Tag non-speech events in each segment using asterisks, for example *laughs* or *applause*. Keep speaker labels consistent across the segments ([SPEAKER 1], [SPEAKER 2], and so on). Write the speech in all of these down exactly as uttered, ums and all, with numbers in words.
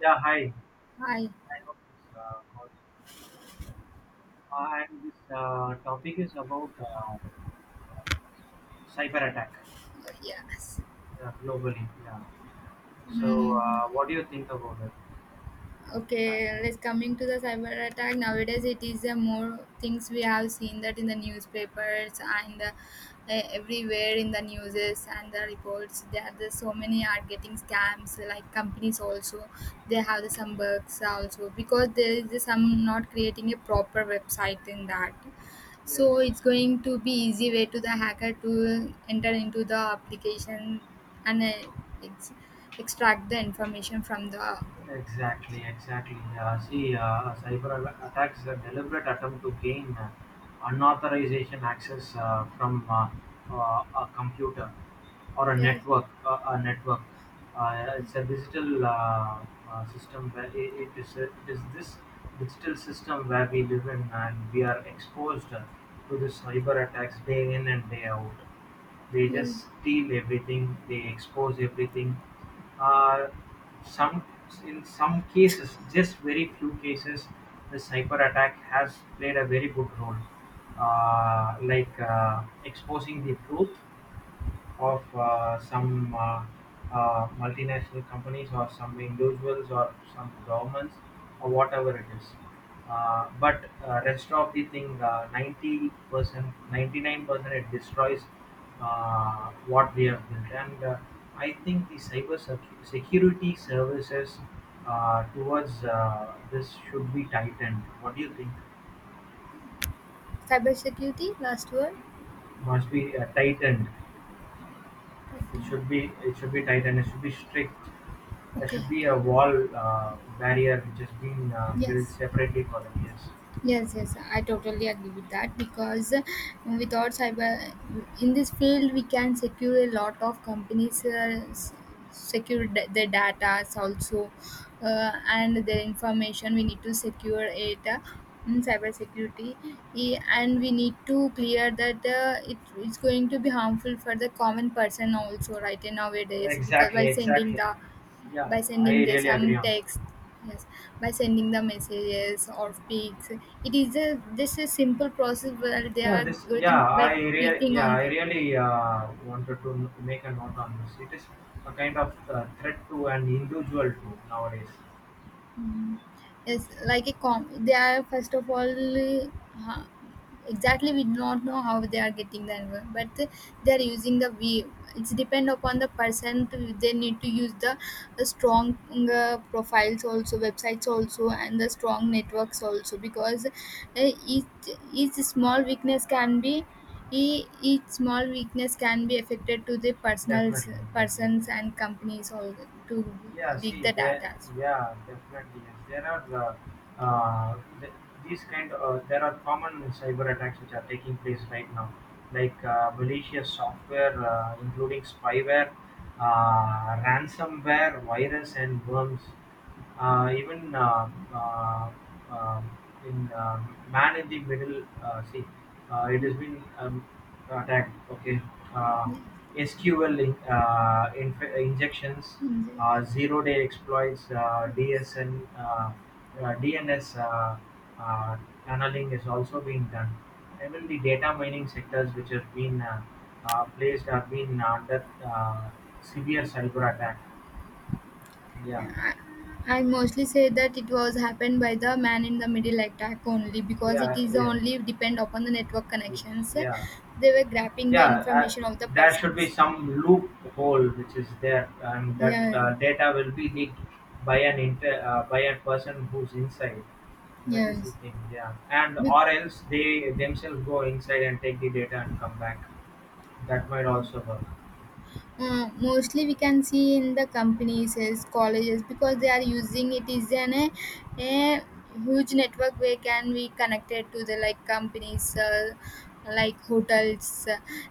[SPEAKER 1] Yeah, hi.
[SPEAKER 2] Hi.
[SPEAKER 1] I hope this uh, calls. Uh, and this uh, topic is about uh, cyber attack
[SPEAKER 2] Uh, Yes.
[SPEAKER 1] uh, globally. Yeah. So,
[SPEAKER 2] Mm.
[SPEAKER 1] uh, what do you think about it? Uh,
[SPEAKER 2] Okay, let's coming to the cyber attack. Nowadays, it is a more things we have seen that in the newspapers and uh, everywhere in the newses and the reports. There, are so many are getting scams. Like companies also, they have the some bugs also because there is some not creating a proper website in that.
[SPEAKER 1] yes.
[SPEAKER 2] So it's going to be easy way to the hacker to enter into the application and uh, it's extract the information from the
[SPEAKER 1] Exactly, exactly. Uh, see, uh, cyber a- attacks is a deliberate attempt to gain uh, unauthorization access uh, from uh, uh, a computer or a
[SPEAKER 2] yeah.
[SPEAKER 1] network. Uh, a network. Uh, it's a digital uh, uh, system where i- it is. uh, it is this digital system where we live in, and we are exposed uh, to this cyber attacks day in and day out. They
[SPEAKER 2] Yeah.
[SPEAKER 1] just steal everything. They expose everything. Uh, some In some cases, just very few cases, the cyber attack has played a very good role, uh, like uh, exposing the truth of uh, some uh, uh, multinational companies or some individuals or some governments or whatever it is. Uh, but uh, rest of the thing, uh, ninety percent, ninety-nine percent it destroys uh, what we have built. And uh, I think the cyber secu- security services uh, towards uh, this should be tightened. What do you think?
[SPEAKER 2] Cybersecurity, last word.
[SPEAKER 1] Must be uh, tightened. It should be it should be tightened. It should be strict. There
[SPEAKER 2] Okay.
[SPEAKER 1] should be a wall uh, barrier which has been uh, built
[SPEAKER 2] Yes.
[SPEAKER 1] separately for them. Yes,
[SPEAKER 2] Yes, yes, I totally agree with that because uh, without cyber in this field, we can secure a lot of companies, uh, s- secure da- their data also, uh, and their information. We need to secure it uh, in cybersecurity, E- and we need to clear that uh, it, it's going to be harmful for the common person also, right? In nowadays, because by
[SPEAKER 1] exactly,
[SPEAKER 2] sending
[SPEAKER 1] exactly.
[SPEAKER 2] the
[SPEAKER 1] Yeah,
[SPEAKER 2] by
[SPEAKER 1] I
[SPEAKER 2] sending the
[SPEAKER 1] really
[SPEAKER 2] some
[SPEAKER 1] agree on that.
[SPEAKER 2] text, yes, by sending the messages or pics, it is a just a simple process where they
[SPEAKER 1] Yeah,
[SPEAKER 2] are
[SPEAKER 1] this. Yeah,
[SPEAKER 2] getting by
[SPEAKER 1] I really.
[SPEAKER 2] clicking
[SPEAKER 1] Yeah,
[SPEAKER 2] on
[SPEAKER 1] I
[SPEAKER 2] them.
[SPEAKER 1] really uh, wanted to n- make a note on this. It is a kind of uh, threat to an individual too nowadays.
[SPEAKER 2] Mm. Yes, like a com. They are first of all, uh, exactly we do not know how they are getting the envol- but they are using the we. It's depend upon the person. To, they need to use the uh, strong uh, profiles also, websites also, and the strong networks also because uh, each each small weakness can be. e- Each small weakness can be affected to the personals,
[SPEAKER 1] Definitely, definitely.
[SPEAKER 2] persons and companies all to
[SPEAKER 1] Yeah,
[SPEAKER 2] leak
[SPEAKER 1] see,
[SPEAKER 2] the
[SPEAKER 1] there,
[SPEAKER 2] data.
[SPEAKER 1] yeah, definitely. Yes, there are uh, uh, th- these kind of there are common cyber attacks which are taking place right now, like uh, malicious software, uh, including spyware, uh, ransomware, virus, and worms. Uh, even uh, uh, um, in uh, Man in the Middle, uh, see, uh, it has been um, attacked. Okay, uh,
[SPEAKER 2] Yeah,
[SPEAKER 1] S Q L in, uh, inf- injections,
[SPEAKER 2] in the
[SPEAKER 1] uh, zero-day exploits, uh,
[SPEAKER 2] yes.
[SPEAKER 1] D S N, uh, uh, D N S uh, uh, tunneling is also being done. Even the data mining sectors, which have been uh, uh, placed, have been under uh, severe cyber attack. Yeah,
[SPEAKER 2] I, I mostly say that it was happened by the man in the middle attack only because it
[SPEAKER 1] yeah,
[SPEAKER 2] is
[SPEAKER 1] yeah.
[SPEAKER 2] only depend upon the network
[SPEAKER 1] Yes.
[SPEAKER 2] connections.
[SPEAKER 1] Yeah.
[SPEAKER 2] They were grabbing the
[SPEAKER 1] Yeah. Uh,
[SPEAKER 2] information of the
[SPEAKER 1] there should be
[SPEAKER 2] persons.
[SPEAKER 1] some loophole which is there, and that
[SPEAKER 2] Yeah,
[SPEAKER 1] uh, data will be leaked by an inter uh, by a person who's inside. That is the
[SPEAKER 2] yes.
[SPEAKER 1] thing. Yeah. And
[SPEAKER 2] Be-
[SPEAKER 1] or else they themselves go inside and take the data and come back. That might also work.
[SPEAKER 2] Uh, mostly we can see in the companies as colleges because they are using it is an a, a huge network where can be connected to the like companies uh, like hotels,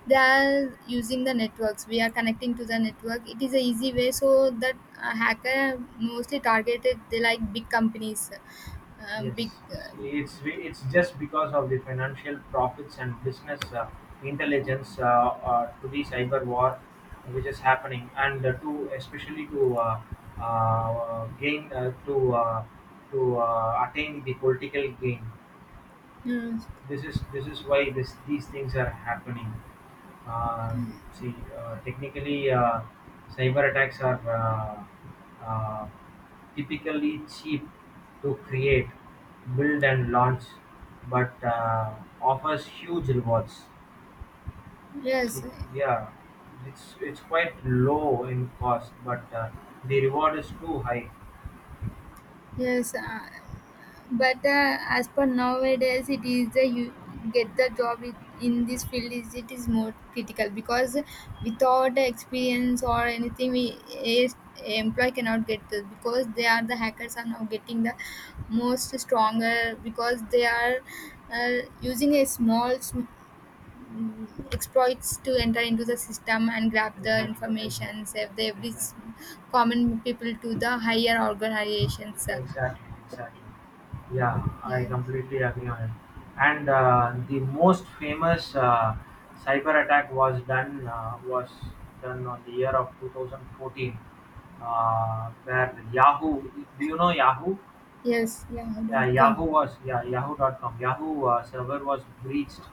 [SPEAKER 2] they are using the networks, we are connecting to the network, it is a easy way so that uh, hacker mostly targeted the like big companies, uh, big
[SPEAKER 1] Yes,
[SPEAKER 2] uh,
[SPEAKER 1] it's it's just because of the financial profits and business uh, intelligence uh, uh, to the cyber war, which is happening, and uh, to especially to uh, uh, gain uh, to uh, to uh, attain the political gain.
[SPEAKER 2] mm,
[SPEAKER 1] This is this is why this these things are happening. Uh, see, uh, technically, uh, cyber attacks are uh, uh, typically cheap to create, build, and launch, but uh, offers huge rewards.
[SPEAKER 2] yes.
[SPEAKER 1] See, yeah, it's it's quite low in cost, but uh, the reward is too high.
[SPEAKER 2] Yes, uh, but uh, as per nowadays it is the you get the job it, in this field is it is more critical because without the experience or anything we a, employee cannot get this because they are the hackers are now getting the most stronger because they are uh, using a small sm- mm, exploits to enter into the system and grab the
[SPEAKER 1] Exactly,
[SPEAKER 2] information,
[SPEAKER 1] exactly,
[SPEAKER 2] save the every s-
[SPEAKER 1] exactly.
[SPEAKER 2] common people to the higher organizations. Uh,
[SPEAKER 1] Exactly, exactly. Yeah, I
[SPEAKER 2] yeah.
[SPEAKER 1] completely agree on it. And uh, the most famous uh, cyber attack was done uh, was done on the year of twenty fourteen, uh, where Yahoo. Do you know Yahoo?
[SPEAKER 2] Yes, yeah,
[SPEAKER 1] Yeah,
[SPEAKER 2] dot
[SPEAKER 1] Yahoo
[SPEAKER 2] com.
[SPEAKER 1] was, yeah, Yahoo dot com. Yahoo uh, server was breached,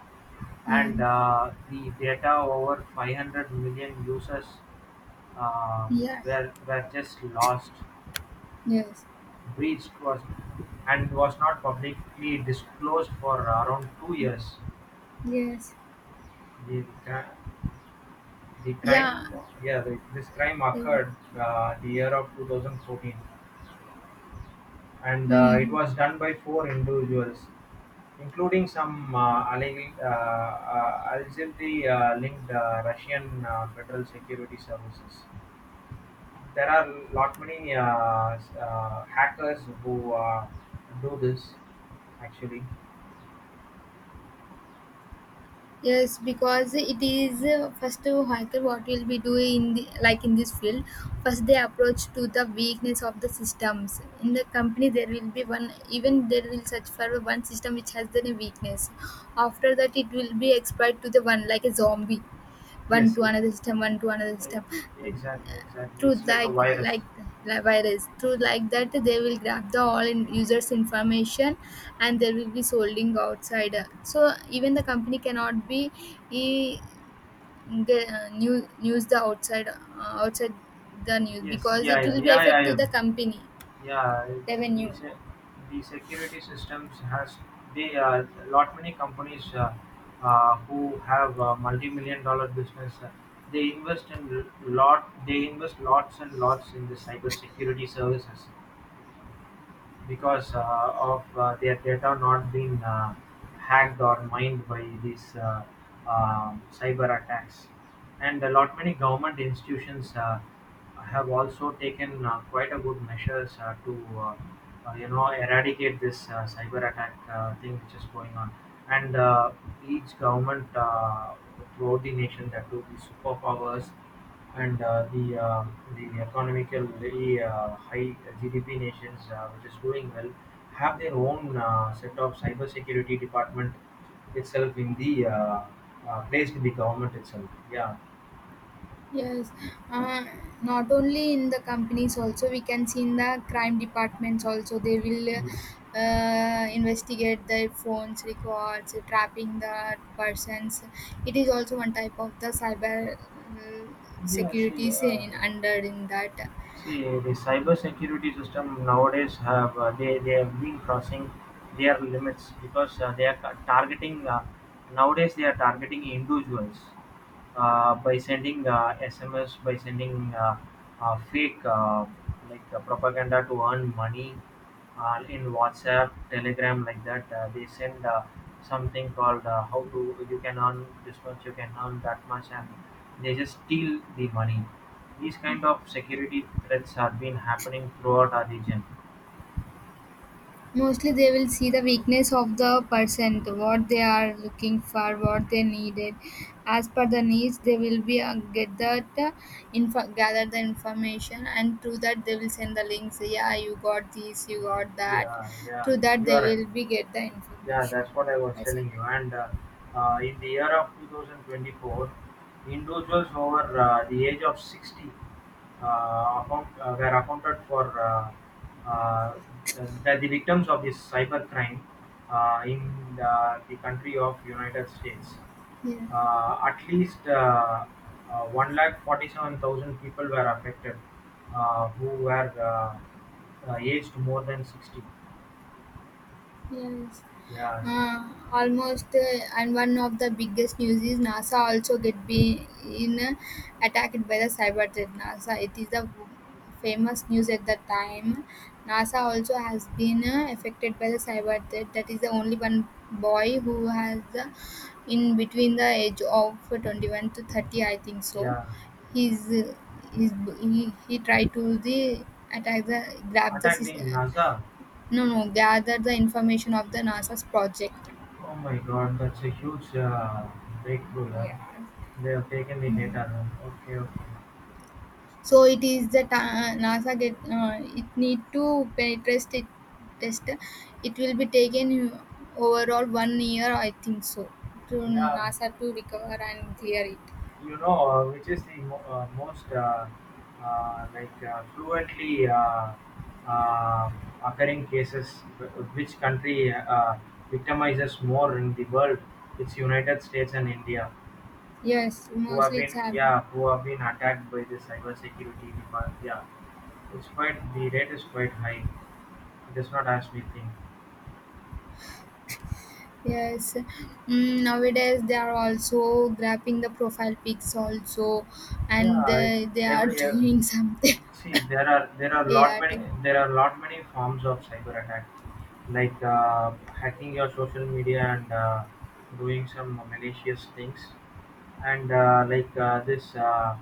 [SPEAKER 2] Yeah,
[SPEAKER 1] and uh, the data over five hundred million users uh,
[SPEAKER 2] yeah,
[SPEAKER 1] were were just lost.
[SPEAKER 2] yes,
[SPEAKER 1] Breached was, and Was not publicly disclosed for around two years.
[SPEAKER 2] yes,
[SPEAKER 1] The, cri- the
[SPEAKER 2] yeah.
[SPEAKER 1] crime, yeah, the, this crime occurred
[SPEAKER 2] Yes.
[SPEAKER 1] uh, the year of twenty fourteen, and uh, it
[SPEAKER 2] Hmm.
[SPEAKER 1] was done by four individuals, including some uh, alleg- uh, uh, allegedly uh, linked uh, Russian uh, Federal Security Services. There are lot many uh, uh, hackers who uh, do this actually.
[SPEAKER 2] Yes, because it is uh, first uh, hacker what will be doing in the, like in this field. First, they approach to the weakness of the systems in the company. There will be one, even there will search for one system which has the weakness. After that, it will be exploit to the one like a zombie, one
[SPEAKER 1] Yes,
[SPEAKER 2] to another system, one to another
[SPEAKER 1] like,
[SPEAKER 2] system.
[SPEAKER 1] exactly, exactly. It's
[SPEAKER 2] Truth
[SPEAKER 1] like a
[SPEAKER 2] like
[SPEAKER 1] virus.
[SPEAKER 2] like like virus. Truth like that they will grab the all in users information and there will be solding outside. So even the company cannot be e, the, uh, new, use the outside uh, outside the news
[SPEAKER 1] Yes,
[SPEAKER 2] because
[SPEAKER 1] yeah,
[SPEAKER 2] it
[SPEAKER 1] yeah,
[SPEAKER 2] will be
[SPEAKER 1] yeah, yeah,
[SPEAKER 2] affect to the
[SPEAKER 1] yeah.
[SPEAKER 2] company
[SPEAKER 1] Yeah,
[SPEAKER 2] revenue.
[SPEAKER 1] the, se- the security systems has they uh, lot many companies uh, uh, who have uh, multi-million dollar business. Uh, they invest in lot. They invest lots and lots in the cyber security services, because uh, of uh, their data not being uh, hacked or mined by these uh, um cyber attacks. And a lot many government institutions uh, have also taken uh, quite a good measures uh, to uh, uh, you know eradicate this uh, cyber attack uh, thing which is going on. And uh, each government uh, throughout the nation that do the superpowers and uh, the uh, the economically uh, high G D P nations, uh, which is doing well, have their own uh, set of cybersecurity department itself in the uh, uh, placed in the government itself. Yeah.
[SPEAKER 2] Yes, uh, not only in the companies, also we can see in the crime departments also, they will
[SPEAKER 1] Yes.
[SPEAKER 2] uh, investigate the phones records, trapping the persons. It is also one type of the cyber uh,
[SPEAKER 1] Yeah, see,
[SPEAKER 2] security
[SPEAKER 1] uh, yeah.
[SPEAKER 2] in, under in that.
[SPEAKER 1] See, the cyber security system nowadays have uh, they they have been crossing their limits because uh, they are ca- targeting uh, nowadays they are targeting individuals uh, by sending uh, S M S, by sending uh, uh, fake uh, like uh, propaganda to earn money uh, in WhatsApp, Telegram like that. Uh, they send uh, something called uh, how to you can earn this much, you can earn that much, and they just steal the money. These kind of security threats have been happening throughout our region.
[SPEAKER 2] Mostly they will see the weakness of the person, what they are looking for, what they needed. As per the needs, they will be uh, get that uh, info, gather the information, and through that they will send the links. Yeah, you got this, you got that.
[SPEAKER 1] Yeah, yeah,
[SPEAKER 2] Through that
[SPEAKER 1] you
[SPEAKER 2] they
[SPEAKER 1] are right.
[SPEAKER 2] will be get the
[SPEAKER 1] Yeah,
[SPEAKER 2] information
[SPEAKER 1] that's what I was
[SPEAKER 2] by sending.
[SPEAKER 1] telling you. And uh, uh, in the year of twenty twenty-four, individuals over uh, the age of sixty uh, account, uh, were accounted for uh, uh, the, the victims of this cyber crime uh, in the, the country of United States.
[SPEAKER 2] Yeah.
[SPEAKER 1] Uh, At least uh, uh, one lakh forty-seven thousand people were affected, uh, who were uh, uh, aged more than sixty.
[SPEAKER 2] Yes.
[SPEAKER 1] Yes,
[SPEAKER 2] Uh, almost, uh, and one of the biggest news is NASA also get been uh, attacked by the cyber threat. NASA, it is the famous news at the time. NASA also has been uh, affected by the cyber threat. That is the only one boy who has the in between the age of twenty one to thirty, I think so.
[SPEAKER 1] yeah.
[SPEAKER 2] He's, uh, he's he, he tried to the attack the grab the
[SPEAKER 1] Attacked
[SPEAKER 2] system.
[SPEAKER 1] in NASA.
[SPEAKER 2] No, no, gather the information of the NASA's project.
[SPEAKER 1] Oh my God, that's a huge uh, breakthrough. Yeah.
[SPEAKER 2] Yeah.
[SPEAKER 1] They have taken the
[SPEAKER 2] Hmm.
[SPEAKER 1] data. Huh? Okay, okay.
[SPEAKER 2] So it is the ta- NASA get uh, it need to penetrate it test. It will be taken overall one year, I think so, to
[SPEAKER 1] Yeah,
[SPEAKER 2] NASA to recover and clear it.
[SPEAKER 1] you know uh, which is the mo- uh, most uh, uh, like uh, fluently uh, uh, occurring cases, wh- which country uh, victimizes more in the world. It's United States and India
[SPEAKER 2] Yes,
[SPEAKER 1] who have
[SPEAKER 2] mostly it's
[SPEAKER 1] been,
[SPEAKER 2] happening.
[SPEAKER 1] yeah, who have been attacked by the cyber security department. Yeah, it's quite — the rate is quite high. It is not as we think.
[SPEAKER 2] Yes, mm, nowadays they are also grabbing the profile pics also, and
[SPEAKER 1] Yeah.
[SPEAKER 2] uh, they are *laughs*
[SPEAKER 1] Every uh,
[SPEAKER 2] doing something
[SPEAKER 1] see, there are there are lot
[SPEAKER 2] A I.
[SPEAKER 1] many there are lot many forms of cyber attack, like uh, hacking your social media, and uh, doing some malicious things, and uh, like uh, this uh,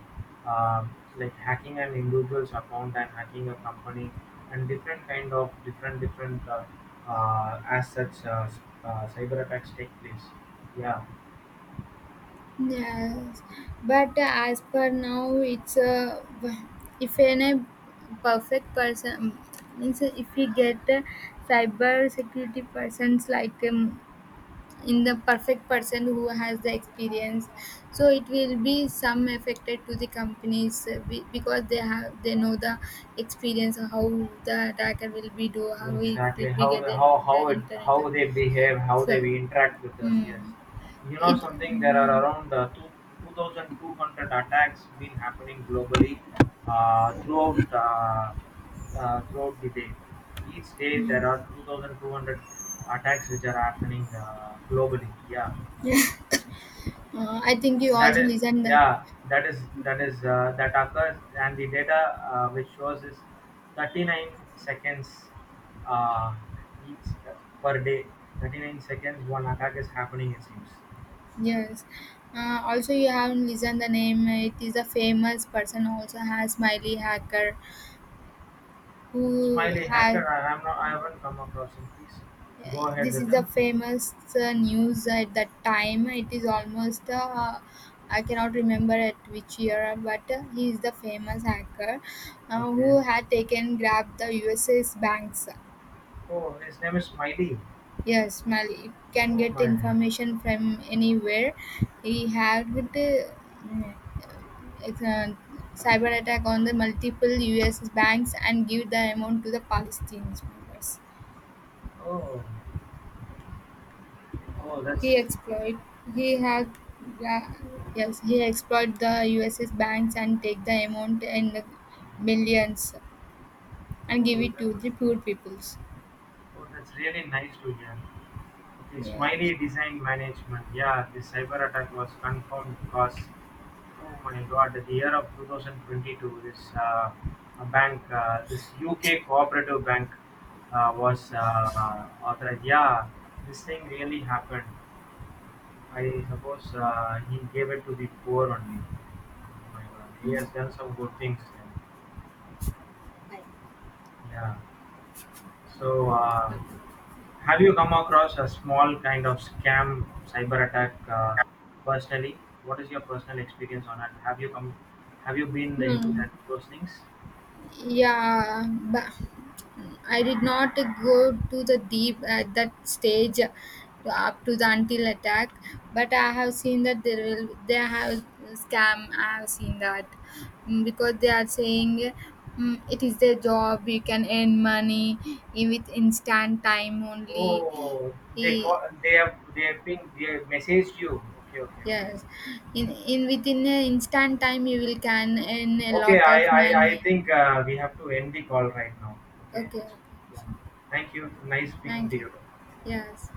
[SPEAKER 1] uh, like hacking an individual's account and hacking a company, and different kind of different different uh, uh, as such uh, s- uh, cyber attacks take place. Yeah.
[SPEAKER 2] Yes, but uh, as per now, it's a if any perfect person means if we get a cyber security persons like um, in the perfect person who has the experience, so it will be some affected to the companies uh, be- because they have they know the experience of how the attacker will be do how it
[SPEAKER 1] Exactly,
[SPEAKER 2] will be
[SPEAKER 1] how
[SPEAKER 2] get the
[SPEAKER 1] how how it
[SPEAKER 2] internet.
[SPEAKER 1] how they behave, how they
[SPEAKER 2] So
[SPEAKER 1] interact with us. Yes,
[SPEAKER 2] mm,
[SPEAKER 1] you know
[SPEAKER 2] it
[SPEAKER 1] something. There are
[SPEAKER 2] mm,
[SPEAKER 1] around uh, two two thousand two hundred attacks been happening globally, uh, throughout uh, uh, throughout the day. Each day there are two thousand two hundred attacks which are happening uh, globally. Yeah,
[SPEAKER 2] *laughs* yeah. Uh, I think you
[SPEAKER 1] that
[SPEAKER 2] also
[SPEAKER 1] is,
[SPEAKER 2] listen the
[SPEAKER 1] yeah, that is that is uh, that occurs, and the data uh, which shows is thirty-nine seconds uh, each uh, per day. thirty-nine seconds, one attack is happening. It seems.
[SPEAKER 2] yes. Uh, also, you have listened the name. It is a famous person. Also has smiley Hacker, who
[SPEAKER 1] Smiley
[SPEAKER 2] had
[SPEAKER 1] hacker, I am not. I haven't come across him. Please go ahead
[SPEAKER 2] this
[SPEAKER 1] with
[SPEAKER 2] is a
[SPEAKER 1] him.
[SPEAKER 2] famous uh, news at that time. It is almost uh, I cannot remember at which year, but uh, he is the famous hacker uh,
[SPEAKER 1] Okay.
[SPEAKER 2] who had taken grabbed the U S A's banks.
[SPEAKER 1] Oh, his name is Smiley.
[SPEAKER 2] Yes, smiley can
[SPEAKER 1] Oh
[SPEAKER 2] get
[SPEAKER 1] my.
[SPEAKER 2] information from anywhere. He hacked. Uh, It's a cyber attack on the multiple U S banks and give the amount to the Palestinian members.
[SPEAKER 1] Oh, oh, that's.
[SPEAKER 2] He exploit he had yeah, yes, he exploit the U S banks and take the amount in the millions and give
[SPEAKER 1] Oh,
[SPEAKER 2] it
[SPEAKER 1] that,
[SPEAKER 2] to the poor peoples.
[SPEAKER 1] oh, that's really nice to hear. Okay,
[SPEAKER 2] Yes.
[SPEAKER 1] Smiley Design Management. Yeah, the cyber attack was confirmed because, oh my God, the year of twenty twenty-two, this uh, a bank, uh, this U K cooperative bank uh, was uh, authorized. Yeah, this thing really happened. I suppose uh, he gave it to the poor only. Oh my God, he has done some good things then. Yeah. So, uh, have you come across a small kind of scam cyber attack, uh, personally? What is your personal experience on it? Have you come? Have you been into
[SPEAKER 2] Hmm.
[SPEAKER 1] that those things?
[SPEAKER 2] Yeah, but I did not go to the deep at that stage, uh, up to the until attack, but I have seen that there will they have scam. I have seen that. Mm, because they are saying mm, it is their job. You can earn money in- with instant time only.
[SPEAKER 1] Oh, they
[SPEAKER 2] E-
[SPEAKER 1] call, they have they have been they have messaged you. Okay, okay, okay.
[SPEAKER 2] Yes, in in within an instant time you will can earn a
[SPEAKER 1] Okay,
[SPEAKER 2] lot
[SPEAKER 1] I
[SPEAKER 2] of
[SPEAKER 1] I,
[SPEAKER 2] money.
[SPEAKER 1] I think uh, we have to end the call right now. Okay.
[SPEAKER 2] Okay, okay.
[SPEAKER 1] Yeah. Thank you. Nice speaking
[SPEAKER 2] Thank
[SPEAKER 1] to
[SPEAKER 2] you.
[SPEAKER 1] you.
[SPEAKER 2] Yes.